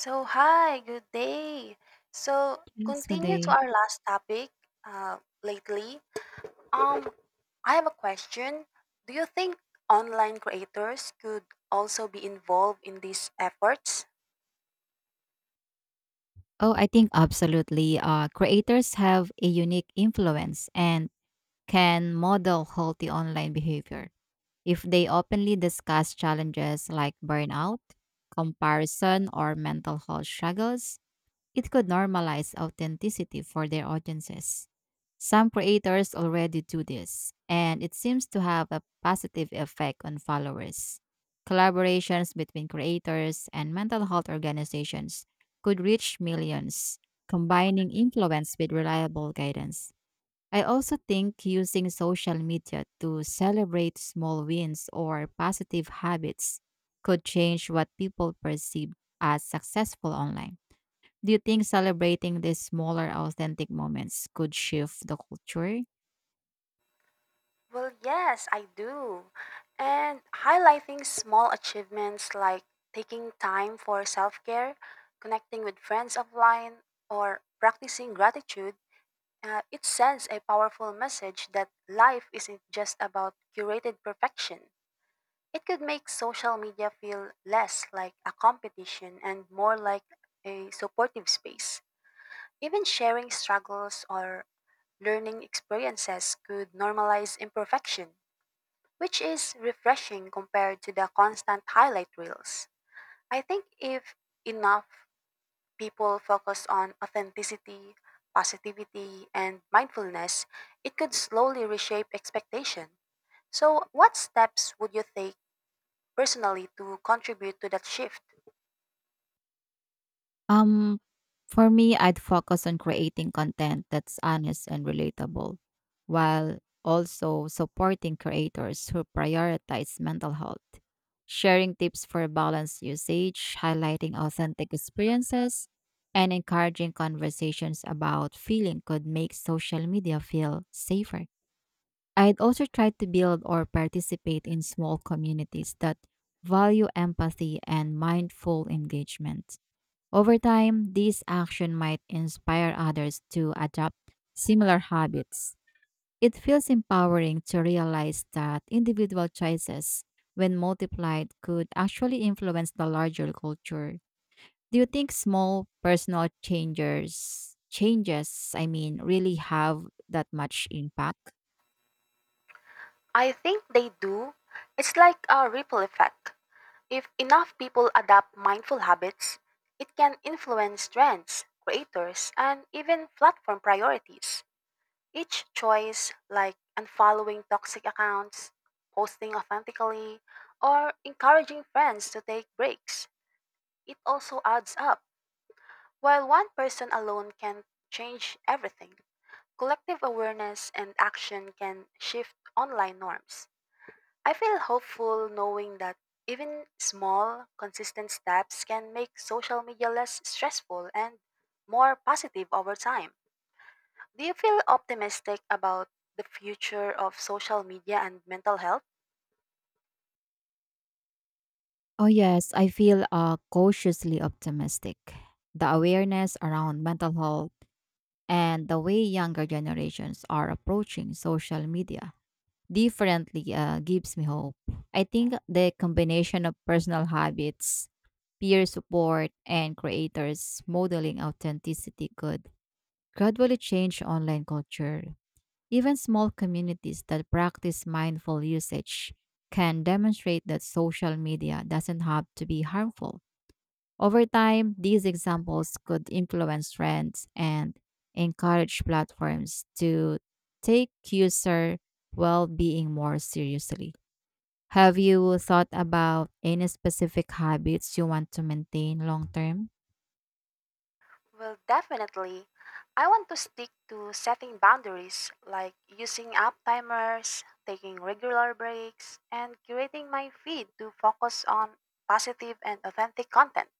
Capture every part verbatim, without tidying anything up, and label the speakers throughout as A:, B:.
A: So, hi, good day. So,
B: Yes, would
A: continue to
B: they?
A: our last topic uh, lately. Um, I have a question. Do you think online creators could also be involved in these efforts?
B: Oh, I think absolutely. Uh, creators have a unique influence and can model healthy online behavior if they openly discuss challenges like burnout, comparison, or mental health struggles. It could normalize authenticity for their audiences. Some creators already do this, and it seems to have a positive effect on followers. Collaborations between creators and mental health organizations could reach millions, combining influence with reliable guidance. I also think using social media to celebrate small wins or positive habits could change what people perceive as successful online. Do you think celebrating these smaller authentic moments could shift the culture?
A: Well, yes, I do. And highlighting small achievements like taking time for self care, connecting with friends offline, or practicing gratitude. Uh, it sends a powerful message that life isn't just about curated perfection. It could make social media feel less like a competition and more like a supportive space. Even sharing struggles or learning experiences could normalize imperfection, which is refreshing compared to the constant highlight reels. I think if enough people focus on authenticity, positivity, and mindfulness, it could slowly reshape expectation. So, what steps would you take personally to contribute to that shift?
B: Um, for me, I'd focus on creating content that's honest and relatable, while also supporting creators who prioritize mental health. Sharing tips for balanced usage, highlighting authentic experiences, and encouraging conversations about feeling could make social media feel safer. I'd also try to build or participate in small communities that value empathy and mindful engagement. Over time, this action might inspire others to adopt similar habits. It feels empowering to realize that individual choices, when multiplied, could actually influence the larger culture. Do you think small personal changes changes, I mean, really have that much impact?
A: I think they do. It's like a ripple effect. If enough people adopt mindful habits, it can influence trends, creators, and even platform priorities. Each choice, like unfollowing toxic accounts, posting authentically, or encouraging friends to take breaks, it also adds up. While one person alone can change everything, collective awareness and action can shift online norms. I feel hopeful knowing that even small, consistent steps can make social media less stressful and more positive over time. Do you feel optimistic about the future of social media and mental health?
B: Oh, yes, I feel uh, cautiously optimistic. The awareness around mental health and the way younger generations are approaching social media differently uh, gives me hope. I think the combination of personal habits, peer support, and creators modeling authenticity could gradually change online culture. Even small communities that practice mindful usage can demonstrate that social media doesn't have to be harmful over time, these examples could influence trends and encourage platforms to take user well being more seriously. Have you thought about any specific habits you want to maintain long term?
A: Well, definitely. I want to stick to setting boundaries like using app timers, taking regular breaks, and curating my feed to focus on positive and authentic content.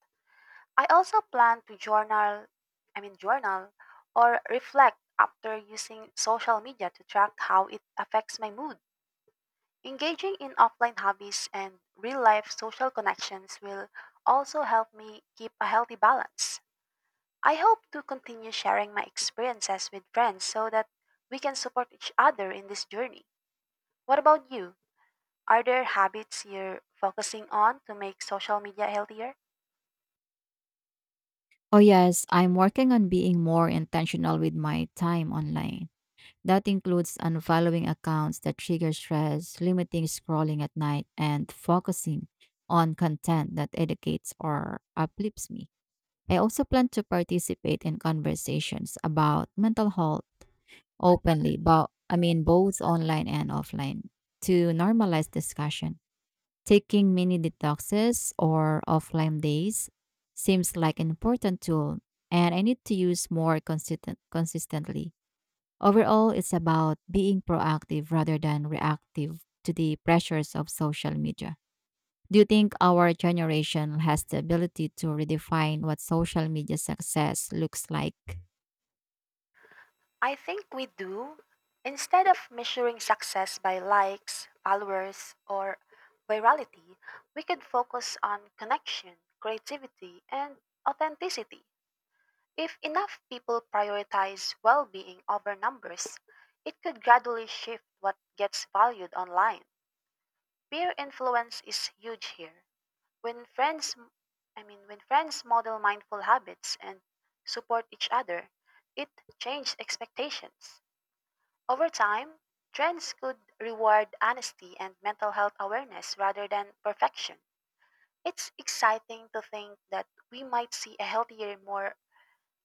A: I also plan to journal, I mean, journal or reflect after using social media to track how it affects my mood. Engaging in offline hobbies and real life social connections will also help me keep a healthy balance. I hope to continue sharing my experiences with friends so that we can support each other in this journey. What about you? Are there habits you're focusing on to make social media healthier?
B: Oh, yes, I'm working on being more intentional with my time online. That includes unfollowing accounts that trigger stress, limiting scrolling at night, and focusing on content that educates or uplifts me. I also plan to participate in conversations about mental health openly, but I mean both online and offline to normalize discussion. Taking mini detoxes or offline days seems like an important tool and I need to use more consistent consistently. Overall, it's about being proactive rather than reactive to the pressures of social media. Do you think our generation has the ability to redefine what social media success looks like?
A: I think we do. Instead of measuring success by likes, followers, or virality, we could focus on connection, creativity, and authenticity. If enough people prioritize well being over numbers, it could gradually shift what gets valued online. Peer influence is huge here. When friends, I mean, when friends model mindful habits and support each other, it changes expectations. Over time, trends could reward honesty and mental health awareness rather than perfection. It's exciting to think that we might see a healthier, more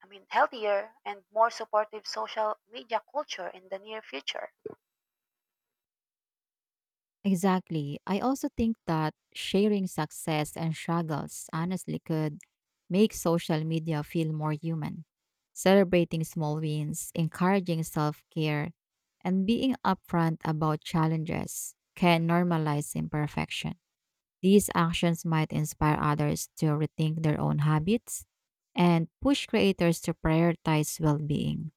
A: I mean, healthier and more supportive social media culture in the near future.
B: Exactly. I also think that sharing success and struggles honestly could make social media feel more human. Celebrating small wins, encouraging self care, and being upfront about challenges can normalize imperfection. These actions might inspire others to rethink their own habits and push creators to prioritize well being.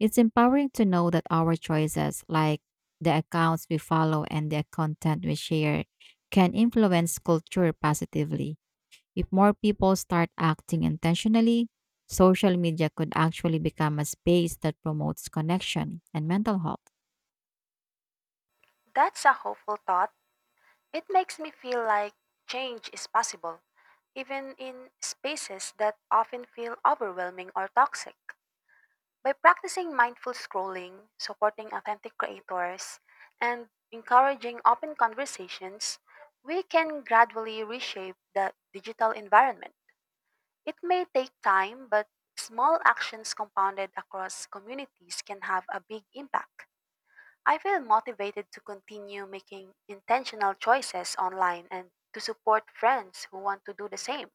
B: It's empowering to know that our choices, like the accounts we follow and the content we share, can influence culture positively. If more people start acting intentionally, social media could actually become a space that promotes connection and mental health.
A: That's a hopeful thought. It makes me feel like change is possible, even in spaces that often feel overwhelming or toxic. By practicing mindful scrolling, supporting authentic creators, and encouraging open conversations, we can gradually reshape the digital environment. It may take time, but small actions compounded across communities can have a big impact. I feel motivated to continue making intentional choices online and to support friends who want to do the same.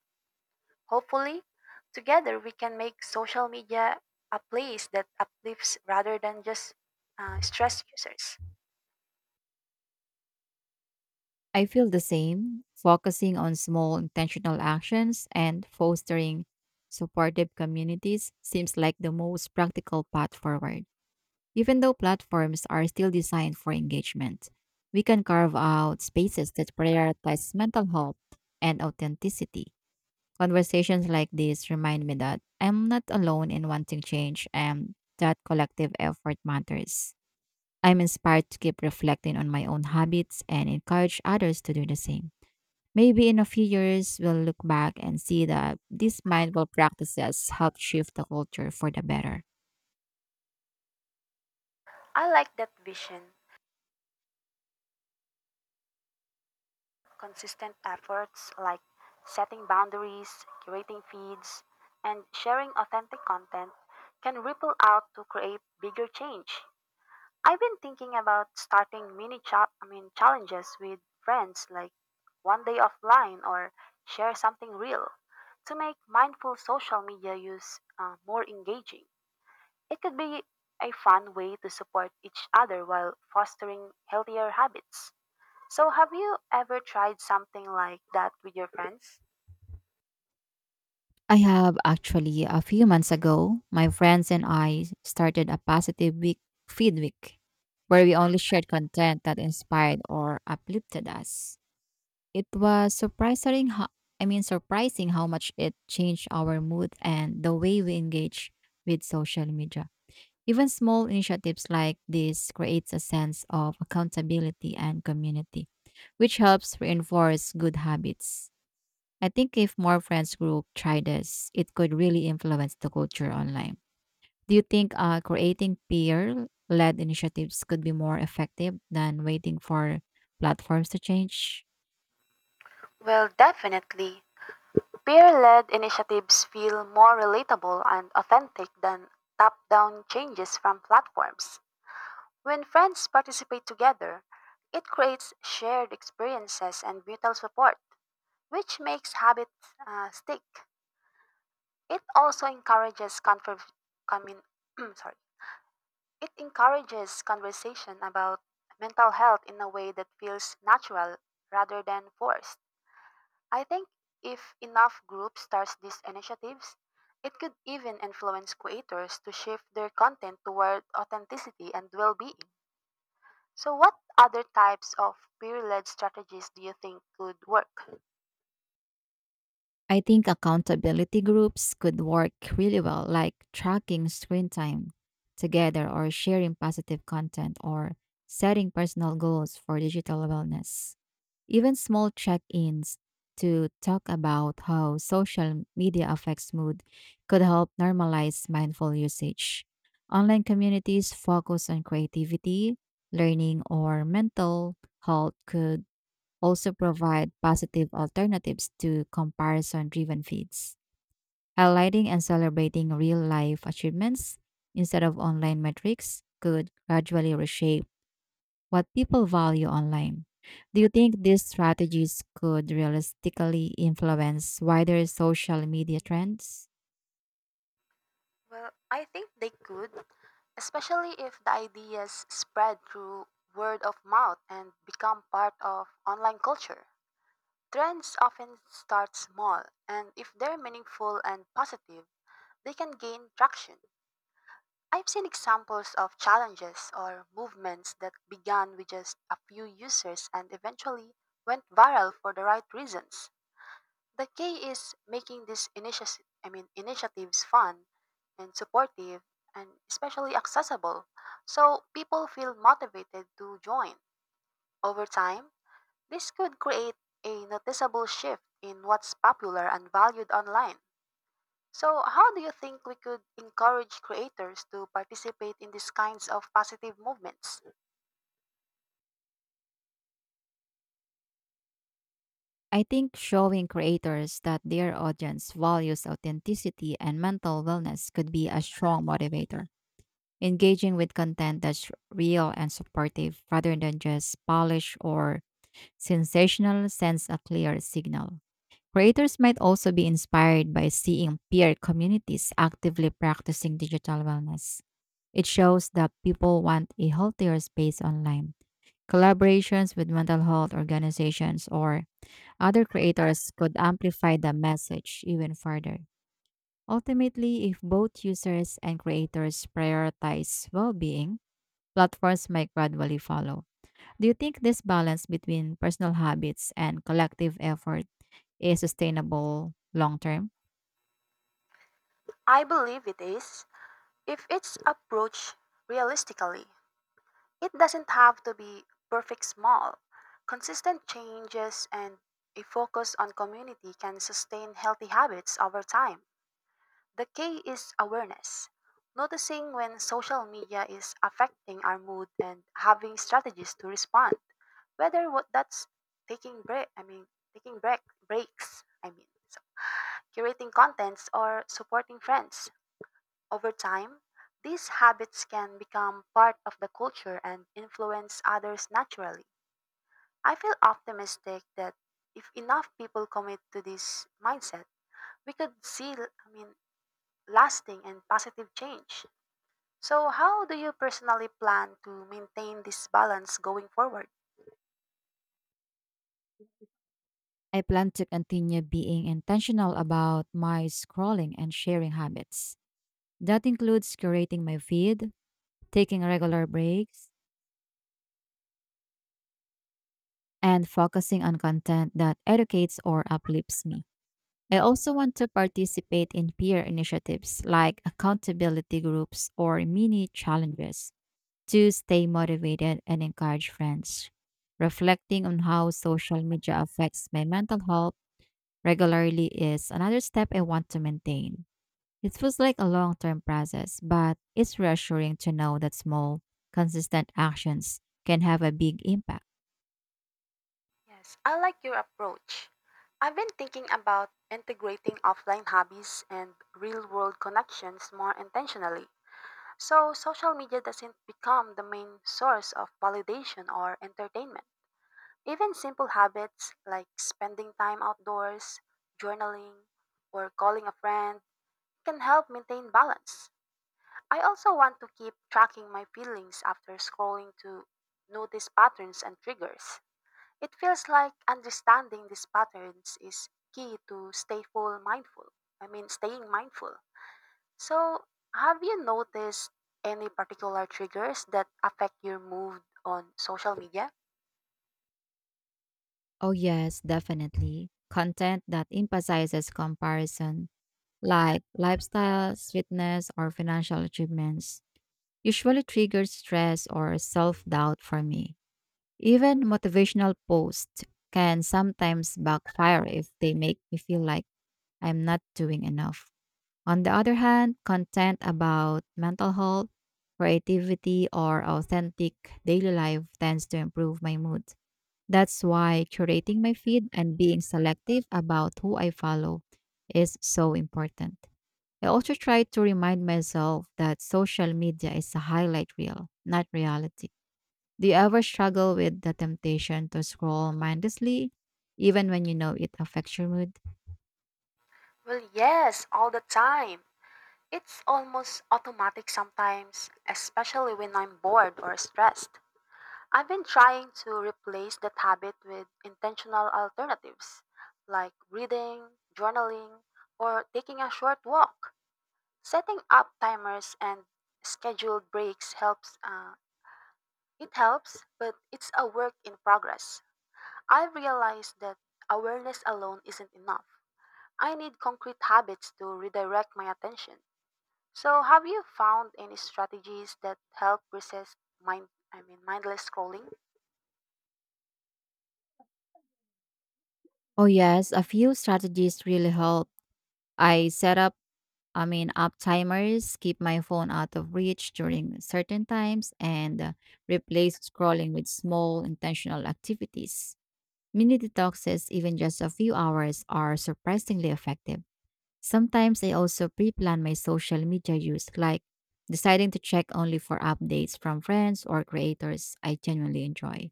A: Hopefully, together we can make social media a place that uplifts rather than just uh, stress users.
B: I feel the same, focusing on small intentional actions and fostering supportive communities seems like the most practical path forward. Even though platforms are still designed for engagement, we can carve out spaces that prioritize mental health and authenticity. Conversations like this remind me that I'm not alone in wanting change and that collective effort matters. I'm inspired to keep reflecting on my own habits and encourage others to do the same. Maybe in a few years, we'll look back and see that these mindful practices helped shift the culture for the better.
A: I like that vision. Consistent efforts like setting boundaries, curating feeds, and sharing authentic content can ripple out to create bigger change. I've been thinking about starting mini cha- I mean challenges with friends like one day offline or share something real to make mindful social media use, uh, more engaging. It could be a fun way to support each other while fostering healthier habits. So, have you ever tried something like that with your friends?
B: I have actually, a few months ago, my friends and I started a positive week, feed week where we only shared content that inspired or uplifted us. It was surprising how, I mean, surprising how much it changed our mood and the way we engage with social media. Even small initiatives like this creates a sense of accountability and community, which helps reinforce good habits. I think if more friends group try this, it could really influence the culture online. Do you think uh, creating peer led initiatives could be more effective than waiting for platforms to change?
A: Well, definitely. Peer led initiatives feel more relatable and authentic than top down changes from platforms. When friends participate together, it creates shared experiences and mutual support, which makes habits uh, stick. It also encourages conver- commun- sorry, it encourages conversation about mental health in a way that feels natural rather than forced. I think if enough groups start these initiatives, it could even influence creators to shift their content toward authenticity and well being. So, what other types of peer led strategies do you think could work?
B: I think accountability groups could work really well, like tracking screen time together or sharing positive content or setting personal goals for digital wellness. Even small check ins to talk about how social media affects mood could help normalize mindful usage. Online communities focused on creativity, learning, or mental health could also provide positive alternatives to comparison driven feeds, highlighting and celebrating real life achievements instead of online metrics could gradually reshape what people value online. Do you think these strategies could realistically influence wider social media trends?
A: Well, I think they could, especially if the ideas spread through word of mouth and become part of online culture. Trends often start small, and if they're meaningful and positive, they can gain traction. I've seen examples of challenges or movements that began with just a few users and eventually went viral for the right reasons. The key is making these initiatives, I mean, initiatives fun and supportive and especially accessible so people feel motivated to join. Over time, this could create a noticeable shift in what's popular and valued online. So, how do you think we could encourage creators to participate in these kinds of positive movements?
B: I think showing creators that their audience values authenticity and mental wellness could be a strong motivator. Engaging with content that's real and supportive rather than just polished or sensational sends a clear signal. Creators might also be inspired by seeing peer communities actively practicing digital wellness. It shows that people want a healthier space online. Collaborations with mental health organizations or other creators could amplify the message even further. Ultimately, if both users and creators prioritize well being, platforms might gradually follow. Do you think this balance between personal habits and collective effort is sustainable long term?
A: I believe it is, if it's approached realistically, it doesn't have to be perfect small. Consistent changes and a focus on community can sustain healthy habits over time. The key is awareness, noticing when social media is affecting our mood and having strategies to respond. Whether what that's taking break, I mean, taking break breaks, I mean, so curating contents or supporting friends. Over time, these habits can become part of the culture and influence others naturally. I feel optimistic that if enough people commit to this mindset, we could see, I mean, lasting and positive change. So, how do you personally plan to maintain this balance going forward?
B: I plan to continue being intentional about my scrolling and sharing habits. That includes curating my feed, taking regular breaks, and focusing on content that educates or uplifts me. I also want to participate in peer initiatives like accountability groups or mini challenges to stay motivated and encourage friends. Reflecting on how social media affects my mental health regularly is another step I want to maintain. It feels like a long term process, but it's reassuring to know that small, consistent actions can have a big impact.
A: Yes, I like your approach. I've been thinking about integrating offline hobbies and real world connections more intentionally. So, social media doesn't become the main source of validation or entertainment. Even simple habits like spending time outdoors, journaling, or calling a friend can help maintain balance. I also want to keep tracking my feelings after scrolling to notice patterns and triggers. It feels like understanding these patterns is key to stay full mindful. I mean, staying mindful. So, have you noticed any particular triggers that affect your mood on social media?
B: Oh, yes, definitely. Content that emphasizes comparison, like lifestyles, fitness, or financial achievements, usually triggers stress or self doubt for me. Even motivational posts can sometimes backfire if they make me feel like I'm not doing enough. On the other hand, content about mental health, creativity, or authentic daily life tends to improve my mood. That's why curating my feed and being selective about who I follow is so important. I also try to remind myself that social media is a highlight reel, not reality. Do you ever struggle with the temptation to scroll mindlessly, even when you know it affects your mood?
A: Well, yes, all the time. It's almost automatic sometimes, especially when I'm bored or stressed. I've been trying to replace that habit with intentional alternatives like reading, journaling, or taking a short walk. Setting up timers and scheduled breaks helps. Uh, it helps, but it's a work in progress. I realized that awareness alone isn't enough. I need concrete habits to redirect my attention. So, have you found any strategies that help resist mind I mean mindless scrolling?
B: Oh, yes, a few strategies really help. I set up, I mean, up timers, keep my phone out of reach during certain times, and uh, replace scrolling with small intentional activities. Mini detoxes, even just a few hours, are surprisingly effective. Sometimes I also pre-plan my social media use, like deciding to check only for updates from friends or creators I genuinely enjoy.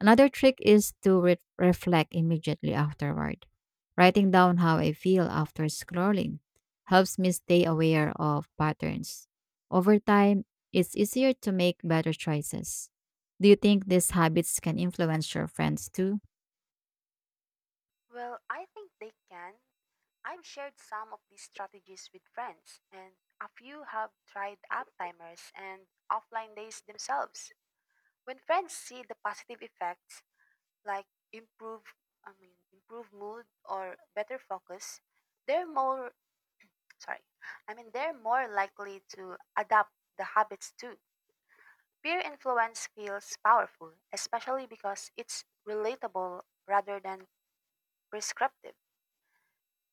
B: Another trick is to re- reflect immediately afterward. Writing down how I feel after scrolling helps me stay aware of patterns. Over time, it's easier to make better choices. Do you think these habits can influence your friends too?
A: Well, I think they can. I've shared some of these strategies with friends, and a few have tried app timers and offline days themselves. When friends see the positive effects, like improve, I mean, improve mood or better focus, they're more sorry. I mean, they're more likely to adapt the habits too. Peer influence feels powerful, especially because it's relatable rather than prescriptive.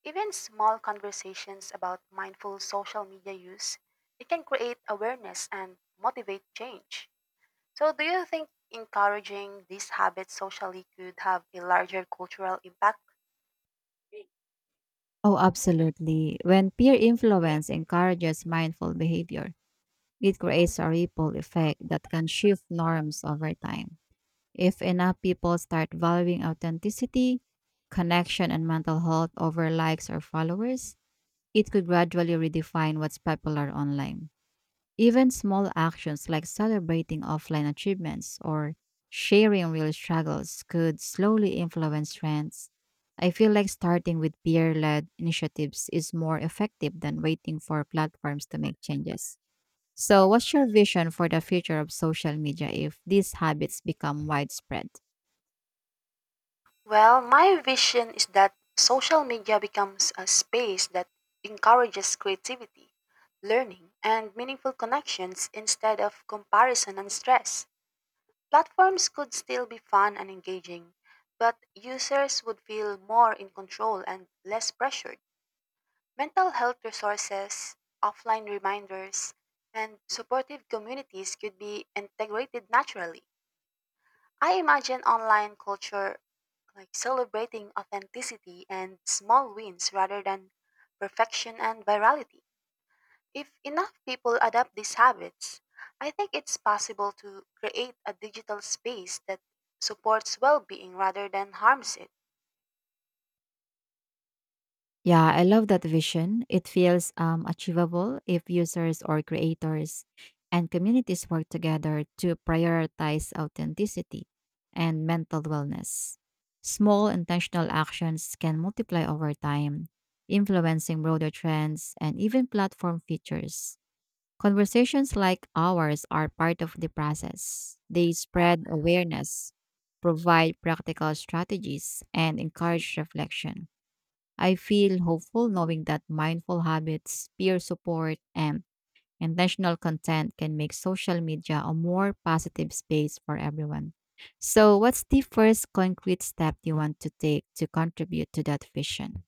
A: Even small conversations about mindful social media use, it can create awareness and motivate change. So do you think encouraging these habits socially could have a larger cultural impact?
B: Oh, absolutely. When peer influence encourages mindful behavior, it creates a ripple effect that can shift norms over time. If enough people start valuing authenticity, connection, and mental health over likes or followers, it could gradually redefine what's popular online. Even small actions like celebrating offline achievements or sharing real struggles could slowly influence trends. I feel like starting with peer led initiatives is more effective than waiting for platforms to make changes. So, what's your vision for the future of social media if these habits become widespread?
A: Well, my vision is that social media becomes a space that encourages creativity, learning, and meaningful connections instead of comparison and stress. Platforms could still be fun and engaging, but users would feel more in control and less pressured. Mental health resources, offline reminders, and supportive communities could be integrated naturally. I imagine online culture like celebrating authenticity and small wins rather than perfection and virality. If enough people adopt these habits, I think it's possible to create a digital space that supports well being rather than harms it.
B: Yeah, I love that vision. It feels um, achievable if users or creators and communities work together to prioritize authenticity and mental wellness. Small intentional actions can multiply over time, influencing broader trends and even platform features. Conversations like ours are part of the process. They spread awareness, provide practical strategies, and encourage reflection. I feel hopeful knowing that mindful habits, peer support, and intentional content can make social media a more positive space for everyone. So, what's the first concrete step you want to take to contribute to that vision?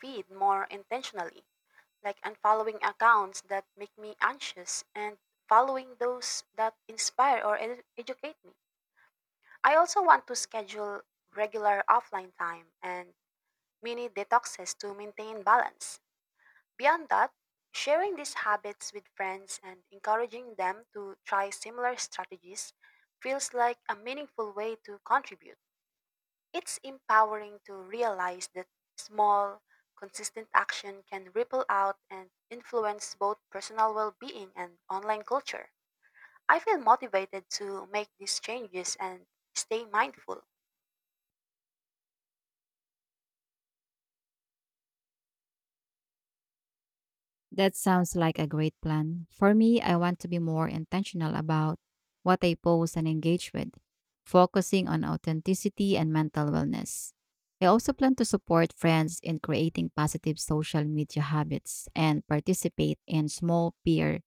A: Feed more intentionally, like unfollowing accounts that make me anxious and following those that inspire or edu- educate me. I also want to schedule regular offline time and mini detoxes to maintain balance. Beyond that, sharing these habits with friends and encouraging them to try similar strategies feels like a meaningful way to contribute. It's empowering to realize that small, consistent action can ripple out and influence both personal well being and online culture. I feel motivated to make these changes and stay mindful.
B: That sounds like a great plan. For me, I want to be more intentional about what I post and engage with, focusing on authenticity and mental wellness. I also plan to support friends in creating positive social media habits and participate in small peer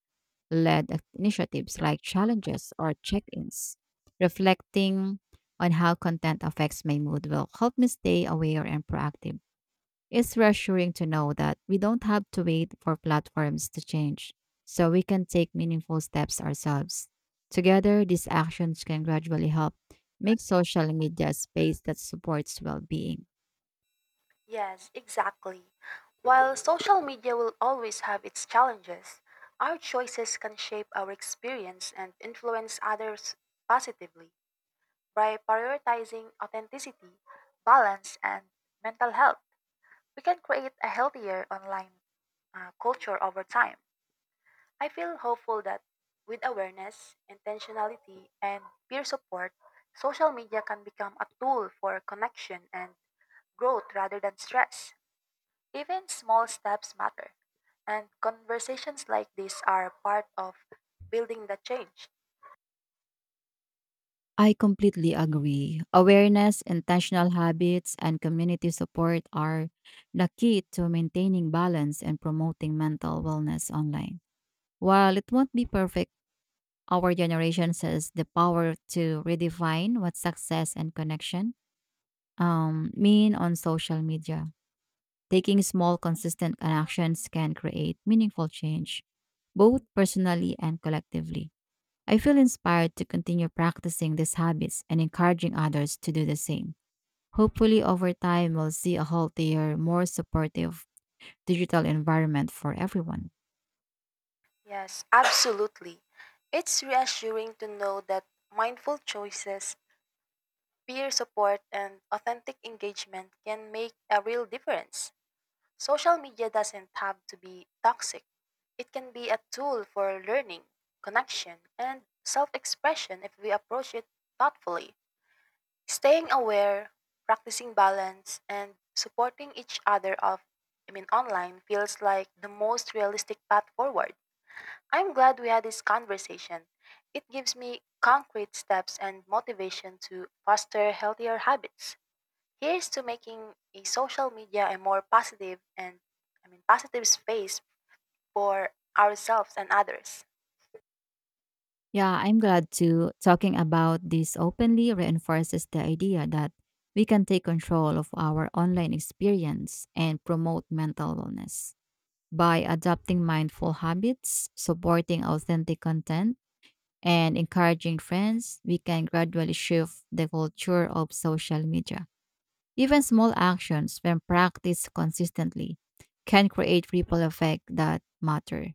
B: led initiatives like challenges or check ins. Reflecting on how content affects my mood will help me stay aware and proactive. It's reassuring to know that we don't have to wait for platforms to change, so we can take meaningful steps ourselves. Together, these actions can gradually help make social media a space that supports well being.
A: Yes, exactly. While social media will always have its challenges, our choices can shape our experience and influence others positively. By prioritizing authenticity, balance, and mental health, we can create a healthier online uh, culture over time. I feel hopeful that with awareness, intentionality, and peer support, social media can become a tool for connection and growth rather than stress. Even small steps matter, and conversations like this are part of building the change.
B: I completely agree. Awareness, intentional habits, and community support are the key to maintaining balance and promoting mental wellness online. While it won't be perfect, our generation has the power to redefine what success and connection um, mean on social media. Taking small, consistent actions can create meaningful change, both personally and collectively. I feel inspired to continue practicing these habits and encouraging others to do the same. Hopefully, over time, we'll see a healthier, more supportive digital environment for everyone.
A: Yes, absolutely. It's reassuring to know that mindful choices, peer support, and authentic engagement can make a real difference. Social media doesn't have to be toxic, it can be a tool for learning, connection, and self expression if we approach it thoughtfully. Staying aware, practicing balance, and supporting each other of I mean online feels like the most realistic path forward. I'm glad we had this conversation. It gives me concrete steps and motivation to foster healthier habits. Here's to making a social media a more positive and I mean positive space for ourselves and others.
B: Yeah, I'm glad to talking about this openly reinforces the idea that we can take control of our online experience and promote mental wellness. By adopting mindful habits, supporting authentic content, and encouraging friends, we can gradually shift the culture of social media. Even small actions, when practiced consistently, can create ripple effect that matter.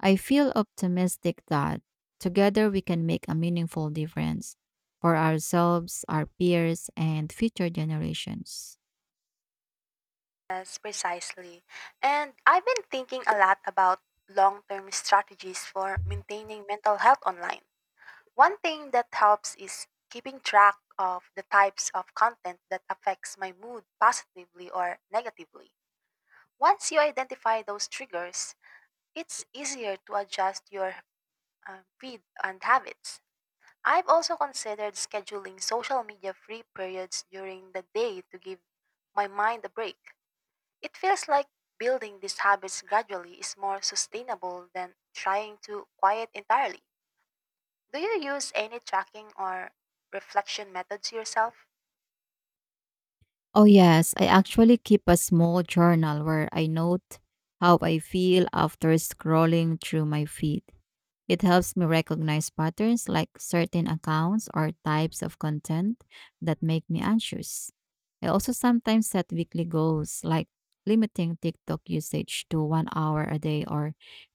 B: I feel optimistic that together we can make a meaningful difference for ourselves, our peers, and future generations.
A: Yes, precisely. And I've been thinking a lot about long term strategies for maintaining mental health online. One thing that helps is keeping track of the types of content that affects my mood positively or negatively. Once you identify those triggers, it's easier to adjust your uh, feed and habits. I've also considered scheduling social media free periods during the day to give my mind a break. It feels like building these habits gradually is more sustainable than trying to quiet entirely. Do you use any tracking or reflection methods yourself?
B: Oh, yes. I actually keep a small journal where I note how I feel after scrolling through my feed. It helps me recognize patterns like certain accounts or types of content that make me anxious. I also sometimes set weekly goals like limiting TikTok usage to one hour a day or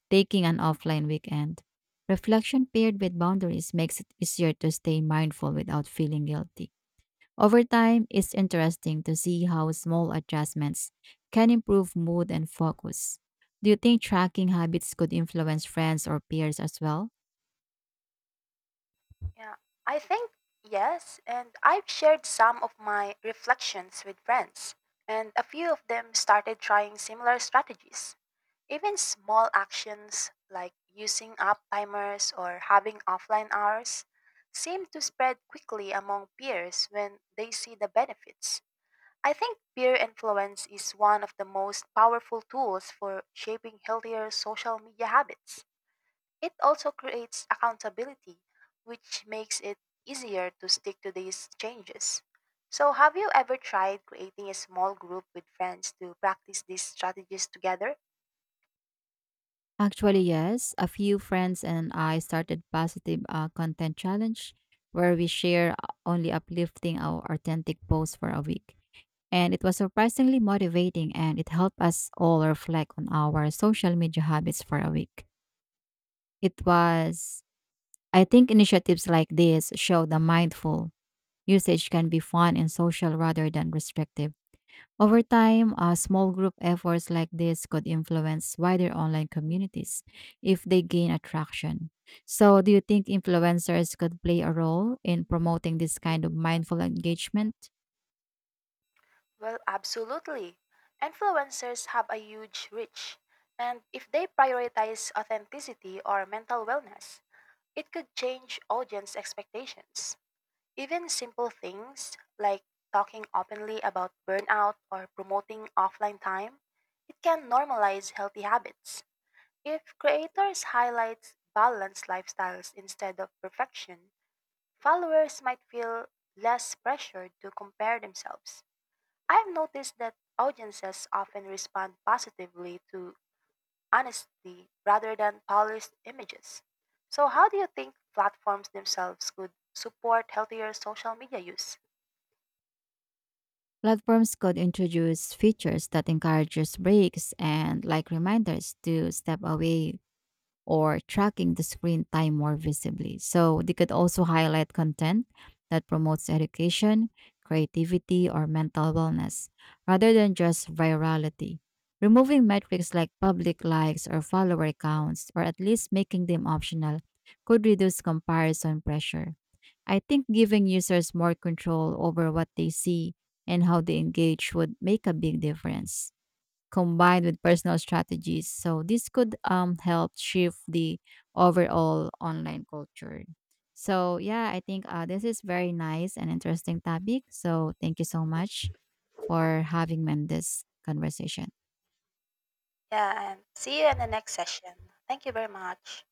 B: taking an offline weekend. Reflection paired with boundaries makes it easier to stay mindful without feeling guilty. Over time, it's interesting to see how small adjustments can improve mood and focus. Do you think tracking habits could influence friends or peers as well?
A: Yeah, I think Yes, and I've shared some of my reflections with friends, and a few of them started trying similar strategies. Even small actions like using up timers or having offline hours seem to spread quickly among peers when they see the benefits. I think peer influence is one of the most powerful tools for shaping healthier social media habits. It also creates accountability, which makes it easier to stick to these changes. So, have you ever tried creating a small group with friends to practice these strategies together?
B: Actually, yes. A few friends and I started positive uh, content challenge where we share only uplifting our authentic posts for a week. And it was surprisingly motivating and it helped us all reflect on our social media habits for a week. It was I think initiatives like this show the mindful usage can be fun and social rather than restrictive. Over time, uh, small group efforts like this could influence wider online communities if they gain attraction. So, do you think influencers could play a role in promoting this kind of mindful engagement?
A: Well, absolutely. Influencers have a huge reach, and if they prioritize authenticity or mental wellness, it could change audience expectations. Even simple things like talking openly about burnout or promoting offline time, it can normalize healthy habits. If creators highlight balanced lifestyles instead of perfection, followers might feel less pressured to compare themselves. I've noticed that audiences often respond positively to honesty rather than polished images. So, how do you think platforms themselves could support healthier social media use?
B: Platforms could introduce features that encourages breaks and like reminders to step away or tracking the screen time more visibly. So they could also highlight content that promotes education, creativity, or mental wellness rather than just virality. Removing metrics like public likes or follower counts, or at least making them optional, could reduce comparison pressure. I think giving users more control over what they see and how they engage would make a big difference combined with personal strategies. So this could um, help shift the overall online culture. So yeah, I think uh, this is very nice and interesting topic. So thank you so much for having me in this conversation.
A: Yeah, and see you in the next session. Thank you very much.